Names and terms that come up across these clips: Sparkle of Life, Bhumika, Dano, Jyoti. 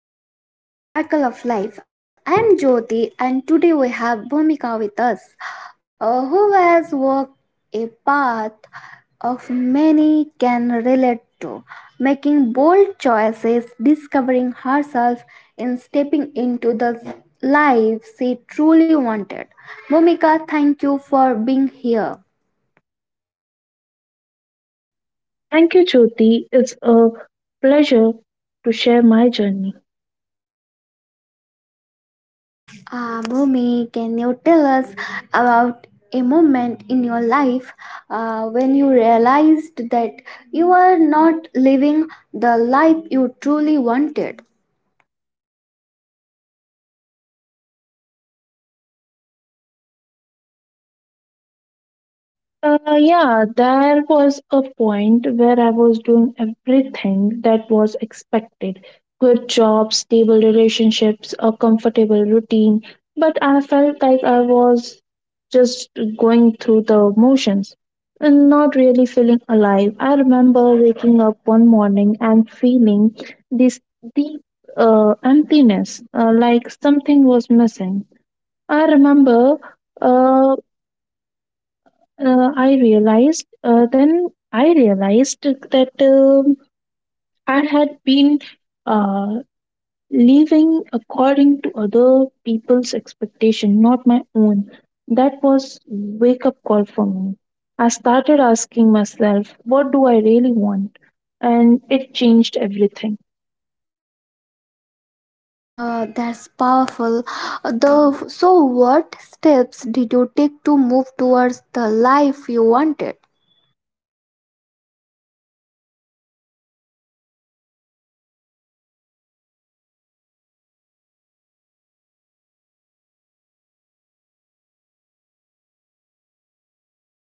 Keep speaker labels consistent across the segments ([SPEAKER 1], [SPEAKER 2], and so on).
[SPEAKER 1] back to Sparkle of Life. I am Jyoti and today we have Bhumika with us, who has walked a path of many can relate to, making bold choices, discovering herself, and stepping into the life she truly wanted. Bhumika, thank you for being here.
[SPEAKER 2] Thank you, Jyoti. It's a pleasure to share my journey.
[SPEAKER 1] Ah, Bhumi, can you tell us about a moment in your life when you realized that you were not living the life you truly wanted?
[SPEAKER 2] Yeah, there was a point where I was doing everything that was expected: good job, stable relationships, a comfortable routine. But I felt like I was just going through the motions and not really feeling alive. I remember waking up one morning and feeling this deep emptiness, like something was missing. I remember. Uh, I realized then I realized that I had been uh, living according to other people's expectation, not my own. That was wake up call for me. I started asking myself, what do I really want? And it changed everything.
[SPEAKER 1] Ah, that's powerful. Though, so what steps did you take to move towards the life you wanted?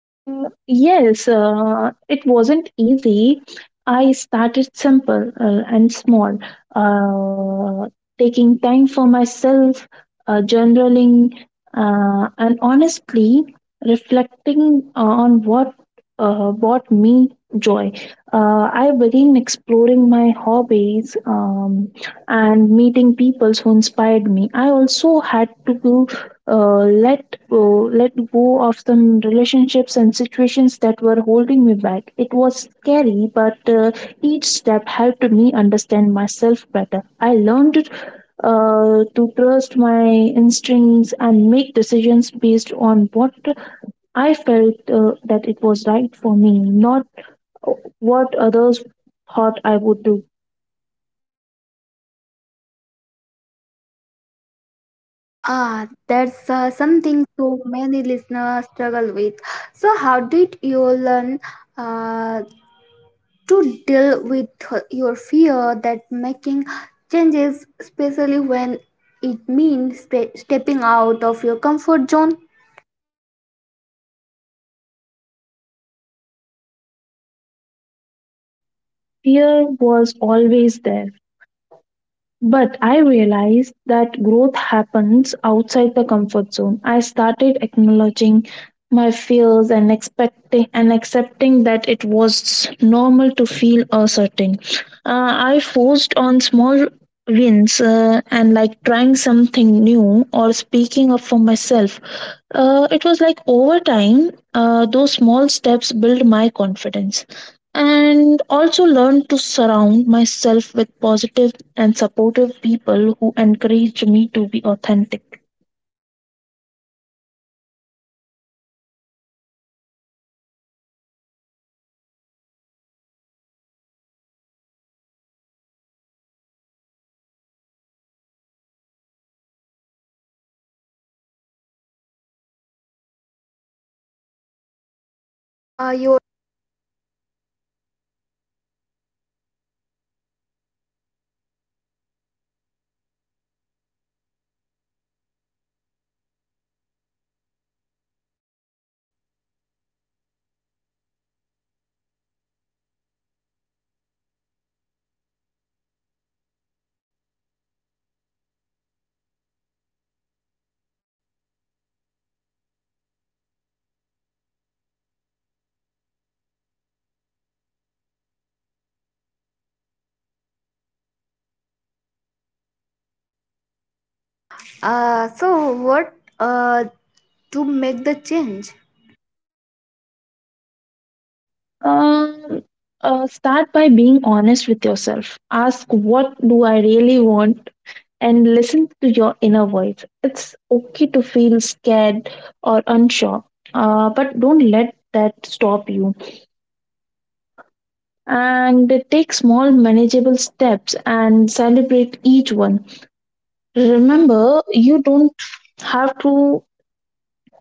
[SPEAKER 2] Yes, it wasn't easy. I started simple and small, uh, taking time for myself, journaling, and honestly reflecting on what brought me joy. I began exploring my hobbies and meeting people who inspired me. I also had to uh, let go, let go of some relationships and situations that were holding me back. It was scary, but each step helped me understand myself better. I learned to trust my instincts and make decisions based on what I felt that it was right for me, not what others thought I would do.
[SPEAKER 1] Ah, that's something so many listeners struggle with. So, how did you learn uh, to deal with your fear that making changes, especially when it means stepping out of your comfort zone,
[SPEAKER 2] Fear was always there, but I realized that growth happens outside the comfort zone. I started acknowledging my fears and expecting and accepting that it was normal to feel uncertain. I forced on small wins and like trying something new or speaking up for myself. It was like over time, those small steps build my confidence, and also learn to surround myself with positive and supportive people who encouraged me to be authentic.
[SPEAKER 1] are that's so relatable. I have had the moments where I stuck to be a safe path, even when I knew there was a more I wanted hearing your experience that makes me reflect on my own choice. So, what would you say to someone if feels stuck but wants make a change? So, what to make the change?
[SPEAKER 2] Um, Start by being honest with yourself. Ask, what do I really want? And listen to your inner voice. It's okay to feel scared or unsure, but don't let that stop you. And take small, manageable steps and celebrate each one. Remember, you don't have to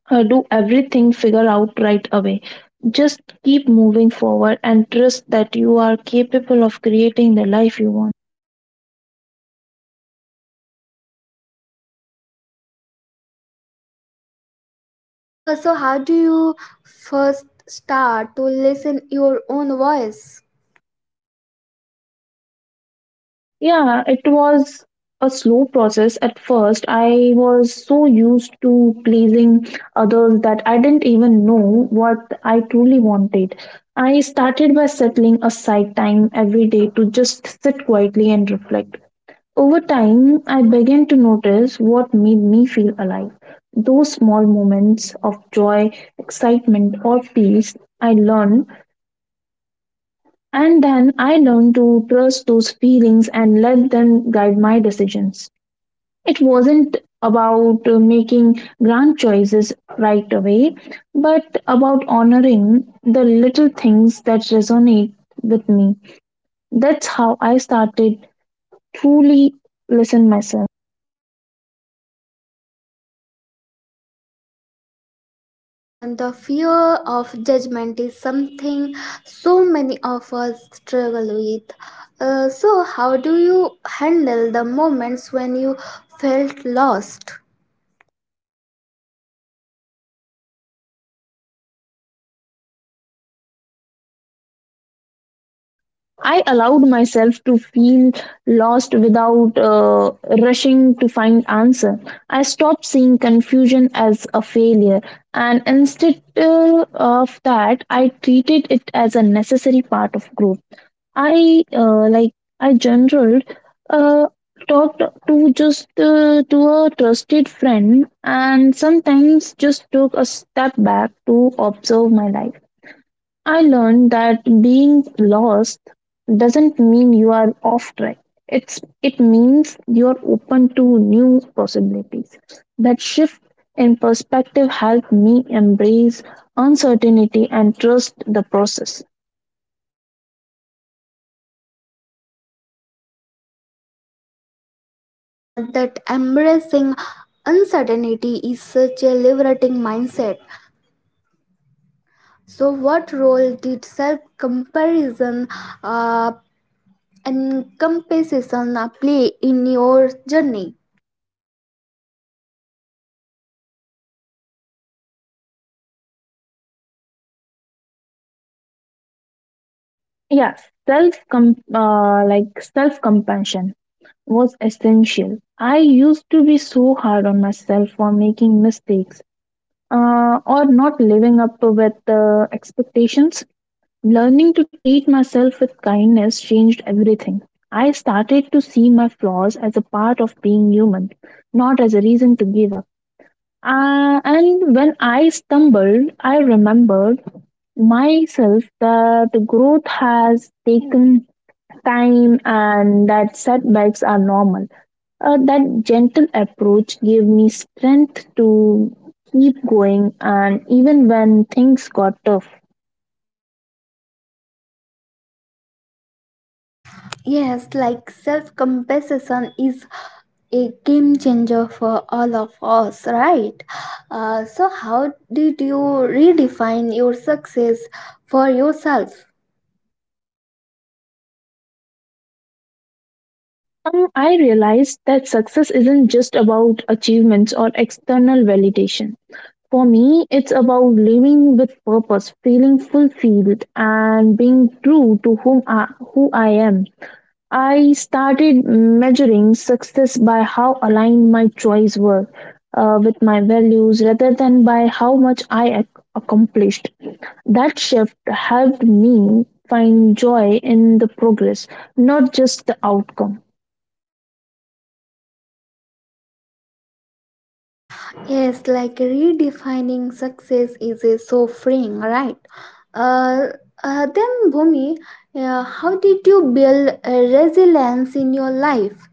[SPEAKER 2] do everything figure out right away. Just keep moving forward and trust that you are capable of creating the life you want.
[SPEAKER 1] How so? How do you first start to listen your own voice?
[SPEAKER 2] Yeah, it was a slow process at first. I was so used to pleasing others that I didn't even know what I truly wanted. I started by settling aside time every day to just sit quietly and reflect. Over time, I began to notice what made me feel alive. Those small moments of joy, excitement, or peace I learned, and then I learned to trust those feelings and let them guide my decisions. It wasn't about making grand choices right away, but about honoring the little things that resonate with me. That's how I started truly listen myself.
[SPEAKER 1] Ah, the fear of judgment is something so many of us struggle with. So, how do you handle the moments when you felt lost?
[SPEAKER 2] I allowed myself to feel lost without rushing to find answer. I stopped seeing confusion as a failure, and instead of that, I treated it as a necessary part of growth. I like I general uh, talked to just to a trusted friend, and sometimes just took a step back to observe my life. I learned that being lost doesn't mean you are off track. It means you're open to new possibilities. That shift in perspective helped me embrace uncertainty and trust the process.
[SPEAKER 1] Ah, that embracing uncertainty is such a liberating mindset. So, what role did self comparison uh, and comparison play in your journey?
[SPEAKER 2] Yeah, self compassion was essential. I used to be so hard on myself for making mistakes or not living up to with the expectations. Learning to treat myself with kindness changed everything. I started to see my flaws as a part of being human, not as a reason to give up. And when I stumbled, I remembered myself that growth has taken time and that setbacks are normal. That gentle approach gave me strength to keep going, and even when things got tough.
[SPEAKER 1] Yes, like self compassion is a game changer for all of us, right? So, how did you redefine your success for yourself?
[SPEAKER 2] I realized that success isn't just about achievements or external validation. For me, it's about living with purpose, feeling fulfilled, and being true to who I am. I started measuring success by how aligned my choices were with my values rather than by how much I accomplished. That shift helped me find joy in the progress, not just the outcome.
[SPEAKER 1] Yes, like redefining success is a so freeing, right? Uh, then, Bhumi, how did you build resilience in your life?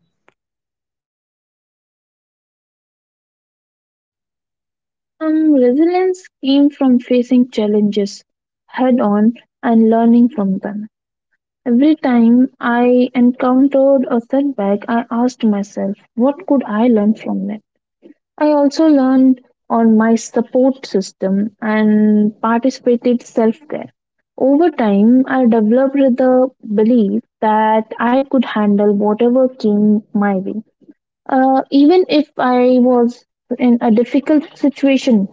[SPEAKER 2] Resilience came from facing challenges head on and learning from them. Every time I encountered a setback, I asked myself, what could I learn from it? I also learned on my support system and participated self care. Over time, I developed the belief that I could handle whatever came my way. Even if I was in a difficult situation.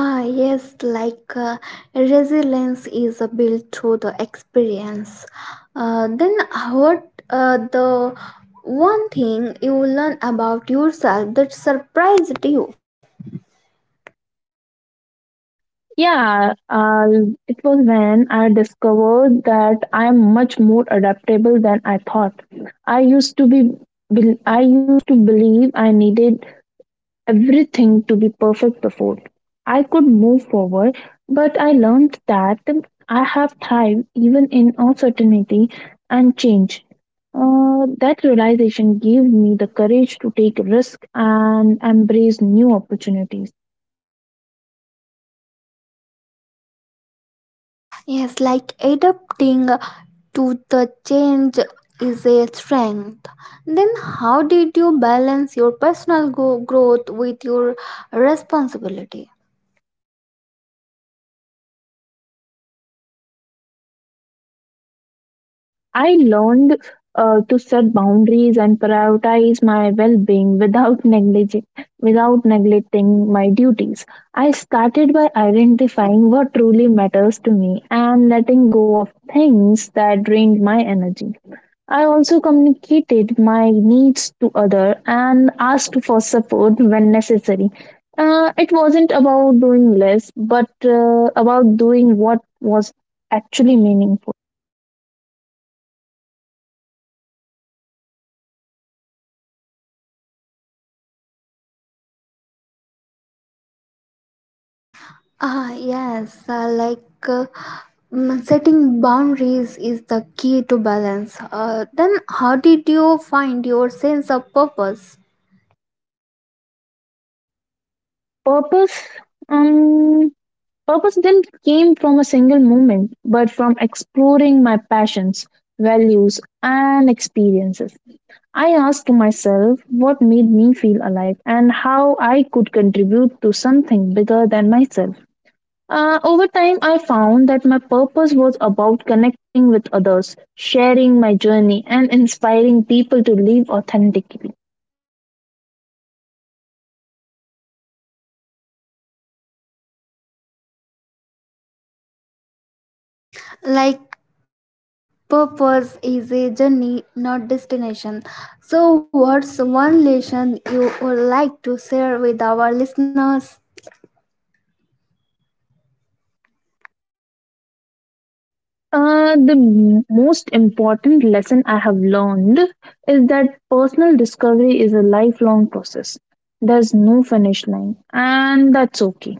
[SPEAKER 1] Ah, yes, like resilience is built through the experience. Then, what the one thing you learn about yourself that surprised you?
[SPEAKER 2] Yeah, it was when I discovered that I am much more adaptable than I thought. I used to be, I used to believe I needed everything to be perfect before I could move forward, but I learned that I have thrived even in uncertainty and change. That realization gave me the courage to take risk and embrace new opportunities.
[SPEAKER 1] Yes, like adapting to the change is a strength. Then, how did you balance your growth with your responsibility?
[SPEAKER 2] I learned to set boundaries and prioritize my well-being without negliging without neglecting my duties. I started by identifying what truly matters to me and letting go of things that drained my energy. I also communicated my needs to other and asked for support when necessary. It wasn't about doing less, but about doing what was actually meaningful.
[SPEAKER 1] Ah, yes, uh, setting boundaries is the key to balance. Then, how did you find your sense of purpose?
[SPEAKER 2] Purpose, um, Purpose didn't came from a single moment, but from exploring my passions, values, and experiences. I asked myself what made me feel alive and how I could contribute to something bigger than myself. Over time, I found that my purpose was about connecting with others, sharing my journey, and inspiring people to live authentically.
[SPEAKER 1] Like, purpose is a journey, not destination. So, what's one lesson you would like to share with our listeners?
[SPEAKER 2] The most important lesson I have learned is that personal discovery is a lifelong process. There's no finish line, and that's okay.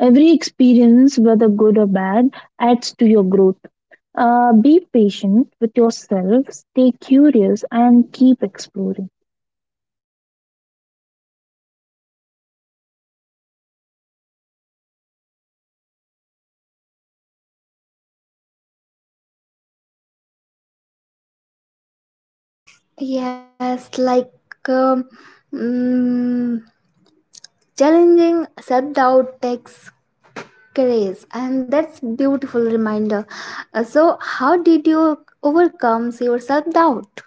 [SPEAKER 2] Every experience, whether good or bad, adds to your growth. Be patient with yourself, stay curious, and keep exploring.
[SPEAKER 1] Yes, like um, mm, challenging self doubt takes craze and that's beautiful reminder. So how did you overcome your self-doubt?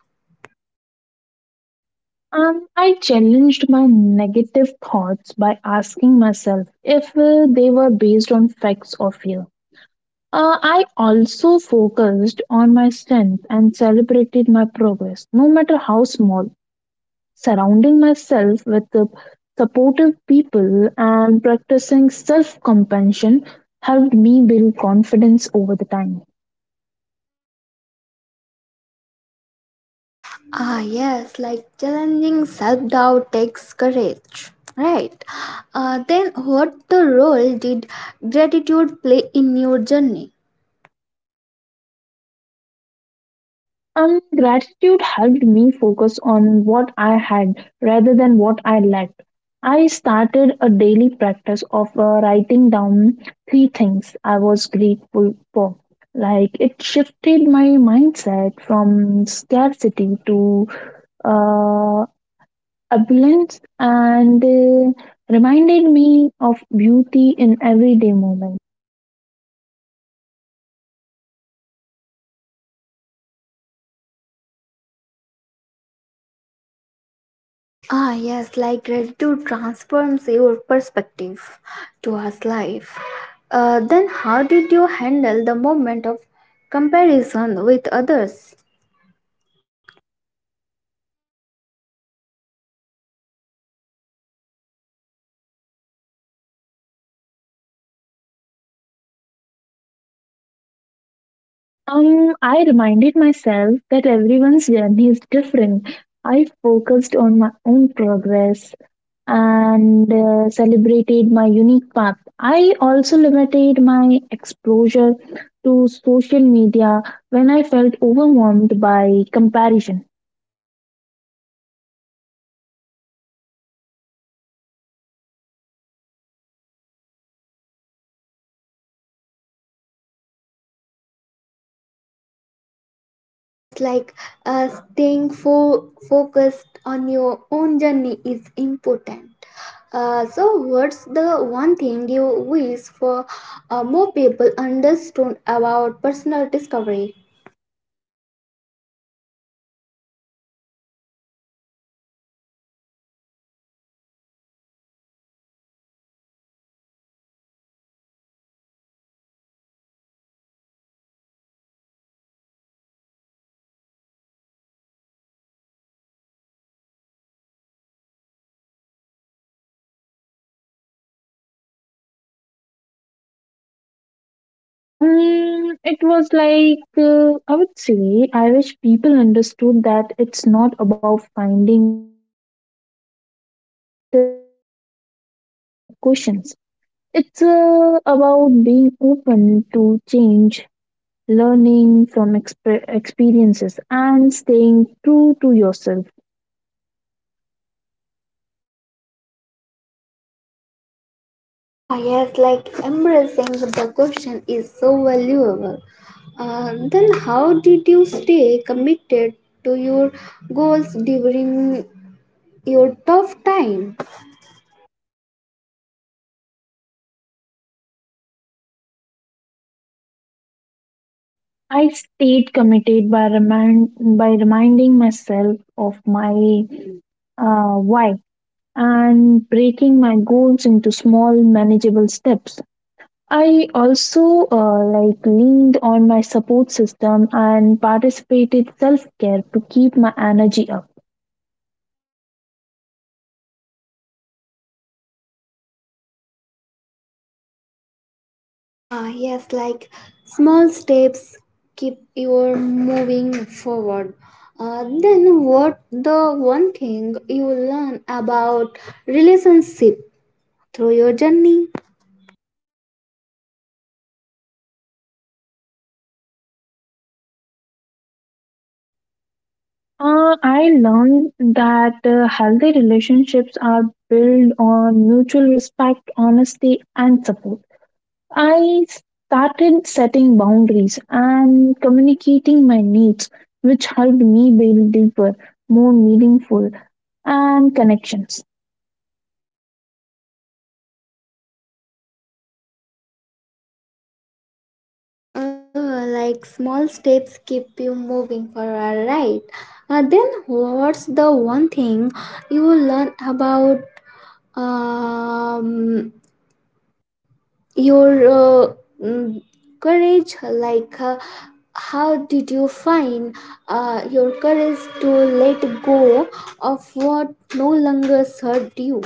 [SPEAKER 2] I challenged my negative thoughts by asking myself if they were based on facts or fear. I also focused on my strength and celebrated my progress, no matter how small. Surrounding myself with the supportive people and practicing self compassion helped me build confidence over the time.
[SPEAKER 1] Ah, yes, like challenging self-doubt takes courage, right? Then what the role did gratitude play in your journey?
[SPEAKER 2] Gratitude helped me focus on what I had rather than what I lacked. I started a daily practice of writing down three things I was grateful for. Like it shifted my mindset from scarcity to uh, abundance and reminded me of beauty in everyday moments.
[SPEAKER 1] Ah, yes, like gratitude transforms your perspective towards life. Then how did you handle the moment of comparison with others?
[SPEAKER 2] I reminded myself that everyone's journey is different. I focused on my own progress and celebrated my unique path. I also limited my exposure to social media when I felt overwhelmed by comparison.
[SPEAKER 1] Yes, like staying focused on your own journey is important. So, what's the one thing you wish for more people understood about personal discovery?
[SPEAKER 2] It was like I would say I wish people understood that it's not about finding a perfect answer, but about embracing the questions. It's about being open to change, learning from experiences, and staying true to yourself.
[SPEAKER 1] Ah, yes, like embracing the question is so valuable. Then, how did you stay committed to your goals during your tough time?
[SPEAKER 2] I stayed committed by reminding myself of my why and breaking my goals into small, manageable steps. I also leaned on my support system and participated self care to keep my energy up.
[SPEAKER 1] Ah, yes, like small steps keep you moving forward. Then what the one thing you learn about relationship through your journey?
[SPEAKER 2] I learned that healthy relationships are built on mutual respect, honesty, and support. I started setting boundaries and communicating my needs, which helped me build deeper, more meaningful, and connections.
[SPEAKER 1] Like small steps keep you moving forward, right? Then what's the one thing you learn about um, your uh, mm, courage, like how did you find your courage to let go of what no longer served you?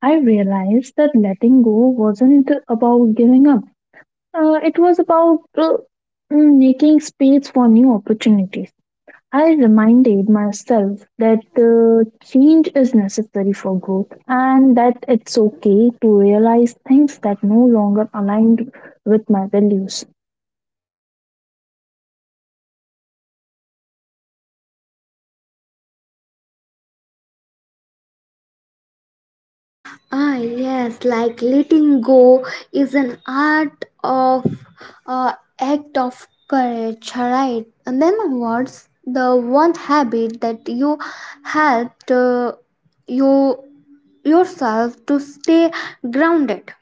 [SPEAKER 2] I realized that letting go wasn't about giving up. It was about making space for new opportunities. I reminded myself that the change is necessary for growth and that it's okay to realize things that no longer aligned with my values.
[SPEAKER 1] Ah, yes, like letting go is an art of uh, act of courage, right? And then what's the one habit that you helped you yourself to stay grounded?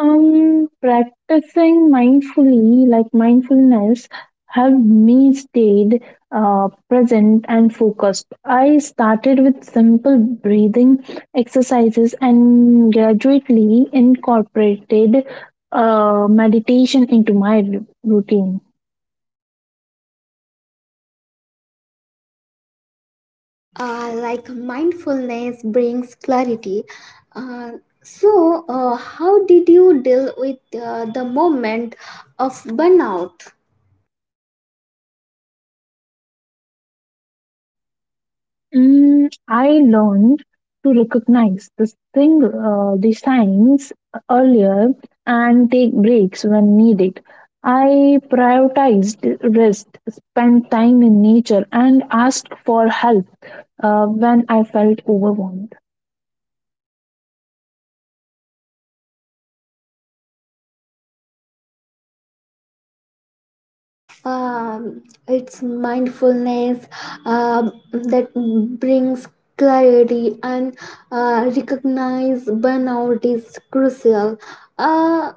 [SPEAKER 2] Practicing mindfully, like mindfulness helped me stayed present and focused. I started with simple breathing exercises and gradually incorporated meditation into my routine.
[SPEAKER 1] Uh, like mindfulness brings clarity. Uh, so, how did you deal with the moment of burnout?
[SPEAKER 2] I learned to recognize the signs earlier and take breaks when needed. I prioritized rest, spent time in nature, and asked for help when I felt overwhelmed.
[SPEAKER 1] It's mindfulness that brings clarity and recognize burnout is crucial. Uh,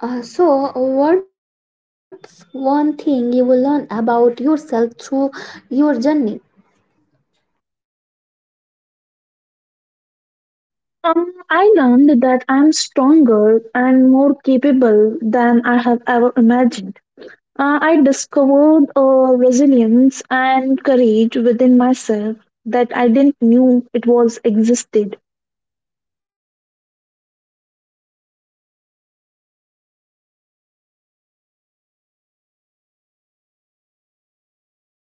[SPEAKER 1] so, what's one thing you will learn about yourself through your journey?
[SPEAKER 2] I learned that I'm stronger and more capable than I have ever imagined. I discovered a resilience and courage within myself that I didn't knew it was existed.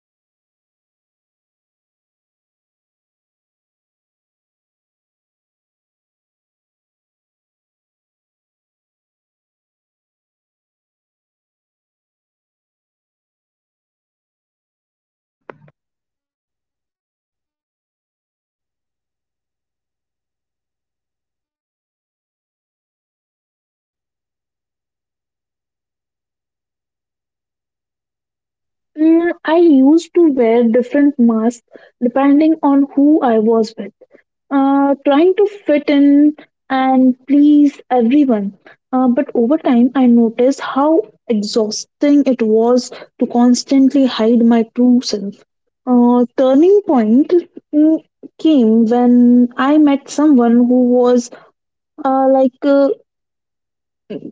[SPEAKER 1] That's self-discovery reveals the hidden strengths. Then, how did you first realize the importance of authenticity? The how did you realize the importance of authenticity?
[SPEAKER 2] I used to wear different masks depending on who I was with, trying to fit in and please everyone. But over time, I noticed how exhausting it was to constantly hide my true self. Turning point mm, came when I met someone who was like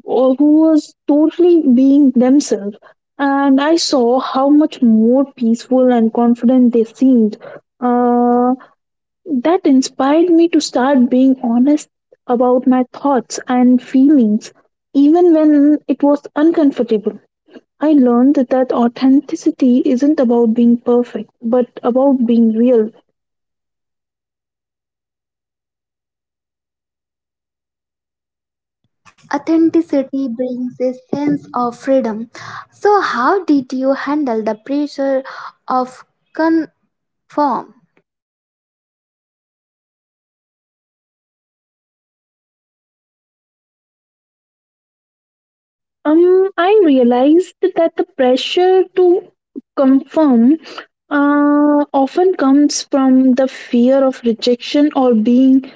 [SPEAKER 2] or who was totally being themselves, and I saw how much more peaceful and confident they seemed. uh, that inspired me to start being honest about my thoughts and feelings even when it was uncomfortable. I learned that authenticity isn't about being perfect but about being real.
[SPEAKER 1] Authenticity brings a sense of freedom. So, how did you handle the pressure of conform?
[SPEAKER 2] I realized that the pressure to confirm often comes from the fear of rejection or being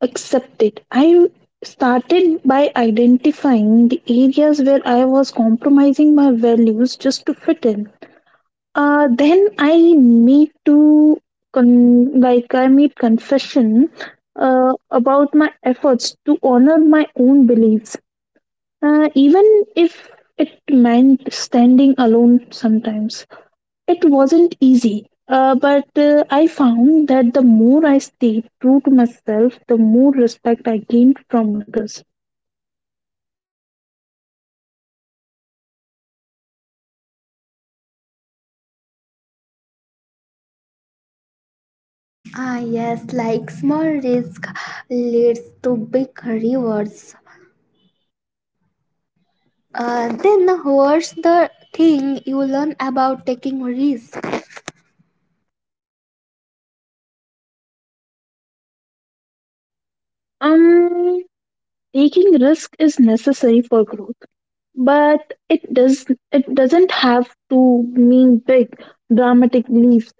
[SPEAKER 2] accepted. I started by identifying the areas where I was compromising my values just to fit in. Then I made confession about my efforts to honor my own beliefs, even if it meant standing alone sometimes. It wasn't easy, but I found that the more I stayed true to myself, the more respect I gained from others.
[SPEAKER 1] Ah, yes, like small risk leads to big rewards. Then what's the thing you learn about taking risk?
[SPEAKER 2] Um, Taking risk is necessary for growth, but it doesn't have to mean big dramatic leaps.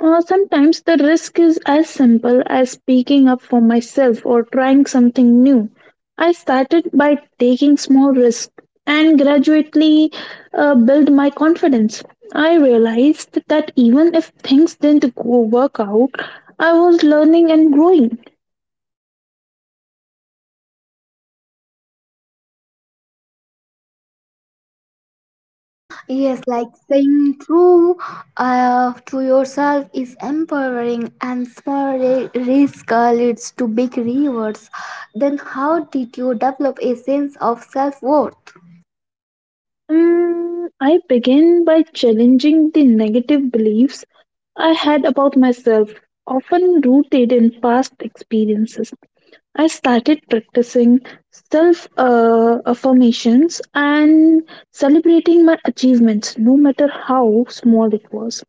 [SPEAKER 2] Sometimes the risk is as simple as speaking up for myself or trying something new. I started by taking small risks and gradually build my confidence. I realized that even if things didn't go work out, I was learning and growing.
[SPEAKER 1] Yes, like saying true to yourself is empowering, and small risk leads to big rewards. Then how did you develop a sense of self worth?
[SPEAKER 2] I began by challenging the negative beliefs I had about myself, often rooted in past experiences. I started practicing self affirmations and celebrating my achievements, no matter how small it was.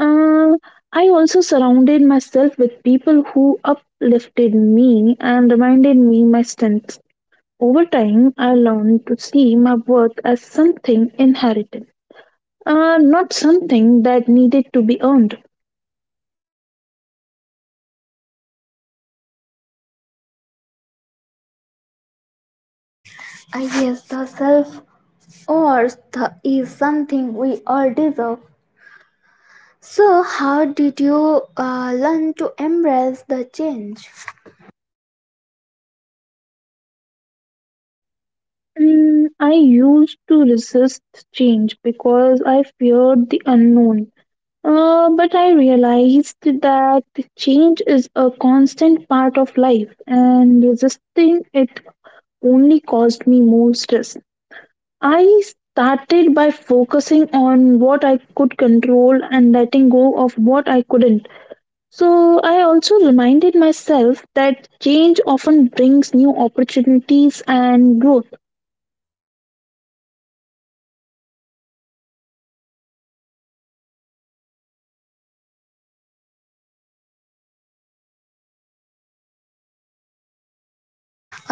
[SPEAKER 2] Uh, I also surrounded myself with people who uplifted me and reminded me my strengths. Over time, I learned to see my worth as something inherited, not something that needed to be earned.
[SPEAKER 1] I yes, the self worth is something we all deserve. So, how did you learn to embrace the change?
[SPEAKER 2] I used to resist change because I feared the unknown. But I realized that change is a constant part of life, and resisting it only caused me more stress. I started by focusing on what I could control and letting go of what I couldn't. So, I also reminded myself that change often brings new opportunities and growth.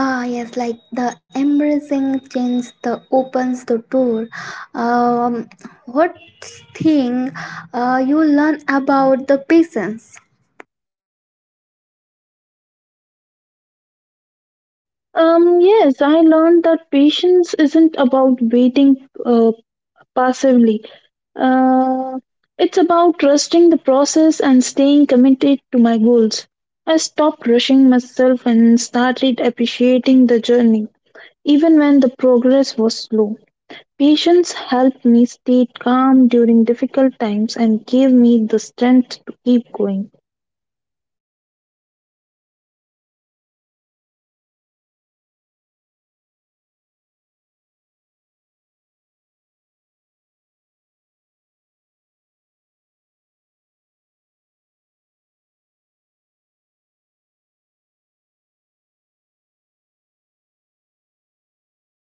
[SPEAKER 1] Ah, yes, like the embracing change the opens the door. Um, what thing you learn about the patience?
[SPEAKER 2] Yes, I learned that patience isn't about waiting passively. Uh, it's about trusting the process and staying committed to my goals. I stopped rushing myself and started appreciating the journey, even when the progress was slow. Patience helped me stay calm during difficult times and gave me the strength to keep going.
[SPEAKER 1] Mm-hmm, lovely. Uh, so, Bhumika, how did you learn to handle the moments of self doubt about the purpose?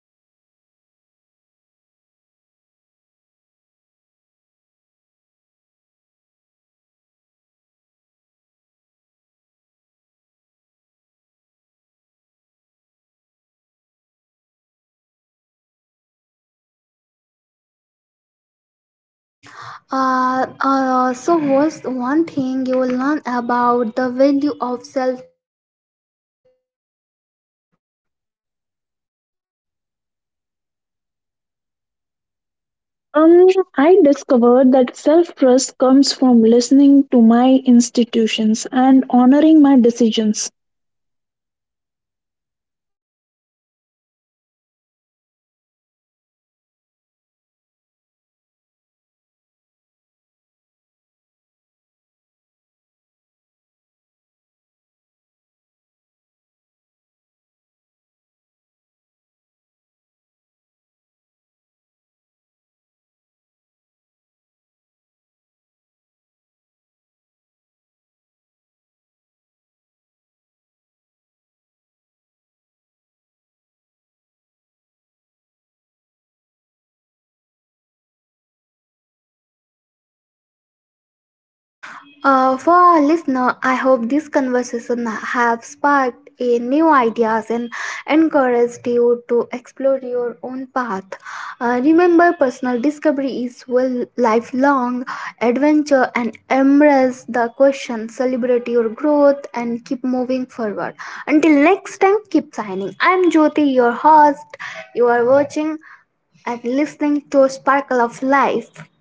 [SPEAKER 1] So, what's one thing you learn about the value of self trust?
[SPEAKER 2] Um, I discovered that self trust comes from listening to my institutions and honoring my decisions.
[SPEAKER 1] Ah, the self trust is empowering, right? Ah, so thank you so much, Bhumika, for joining this episode of Sparkle Life. Bhumika, your journey has been truly inspiring, and your honest reflection on personal discovery and choosing the life you want have given us so much to think about. Thank you so much, Bhumika. For our listener, I hope this conversation have sparked a new ideas and encouraged you to explore your own path. Remember, personal discovery is well lifelong adventure and embrace the question, celebrate your growth, and keep moving forward. Until next time, keep signing. I'm Jyoti, your host. You are watching and listening to Sparkle of Life.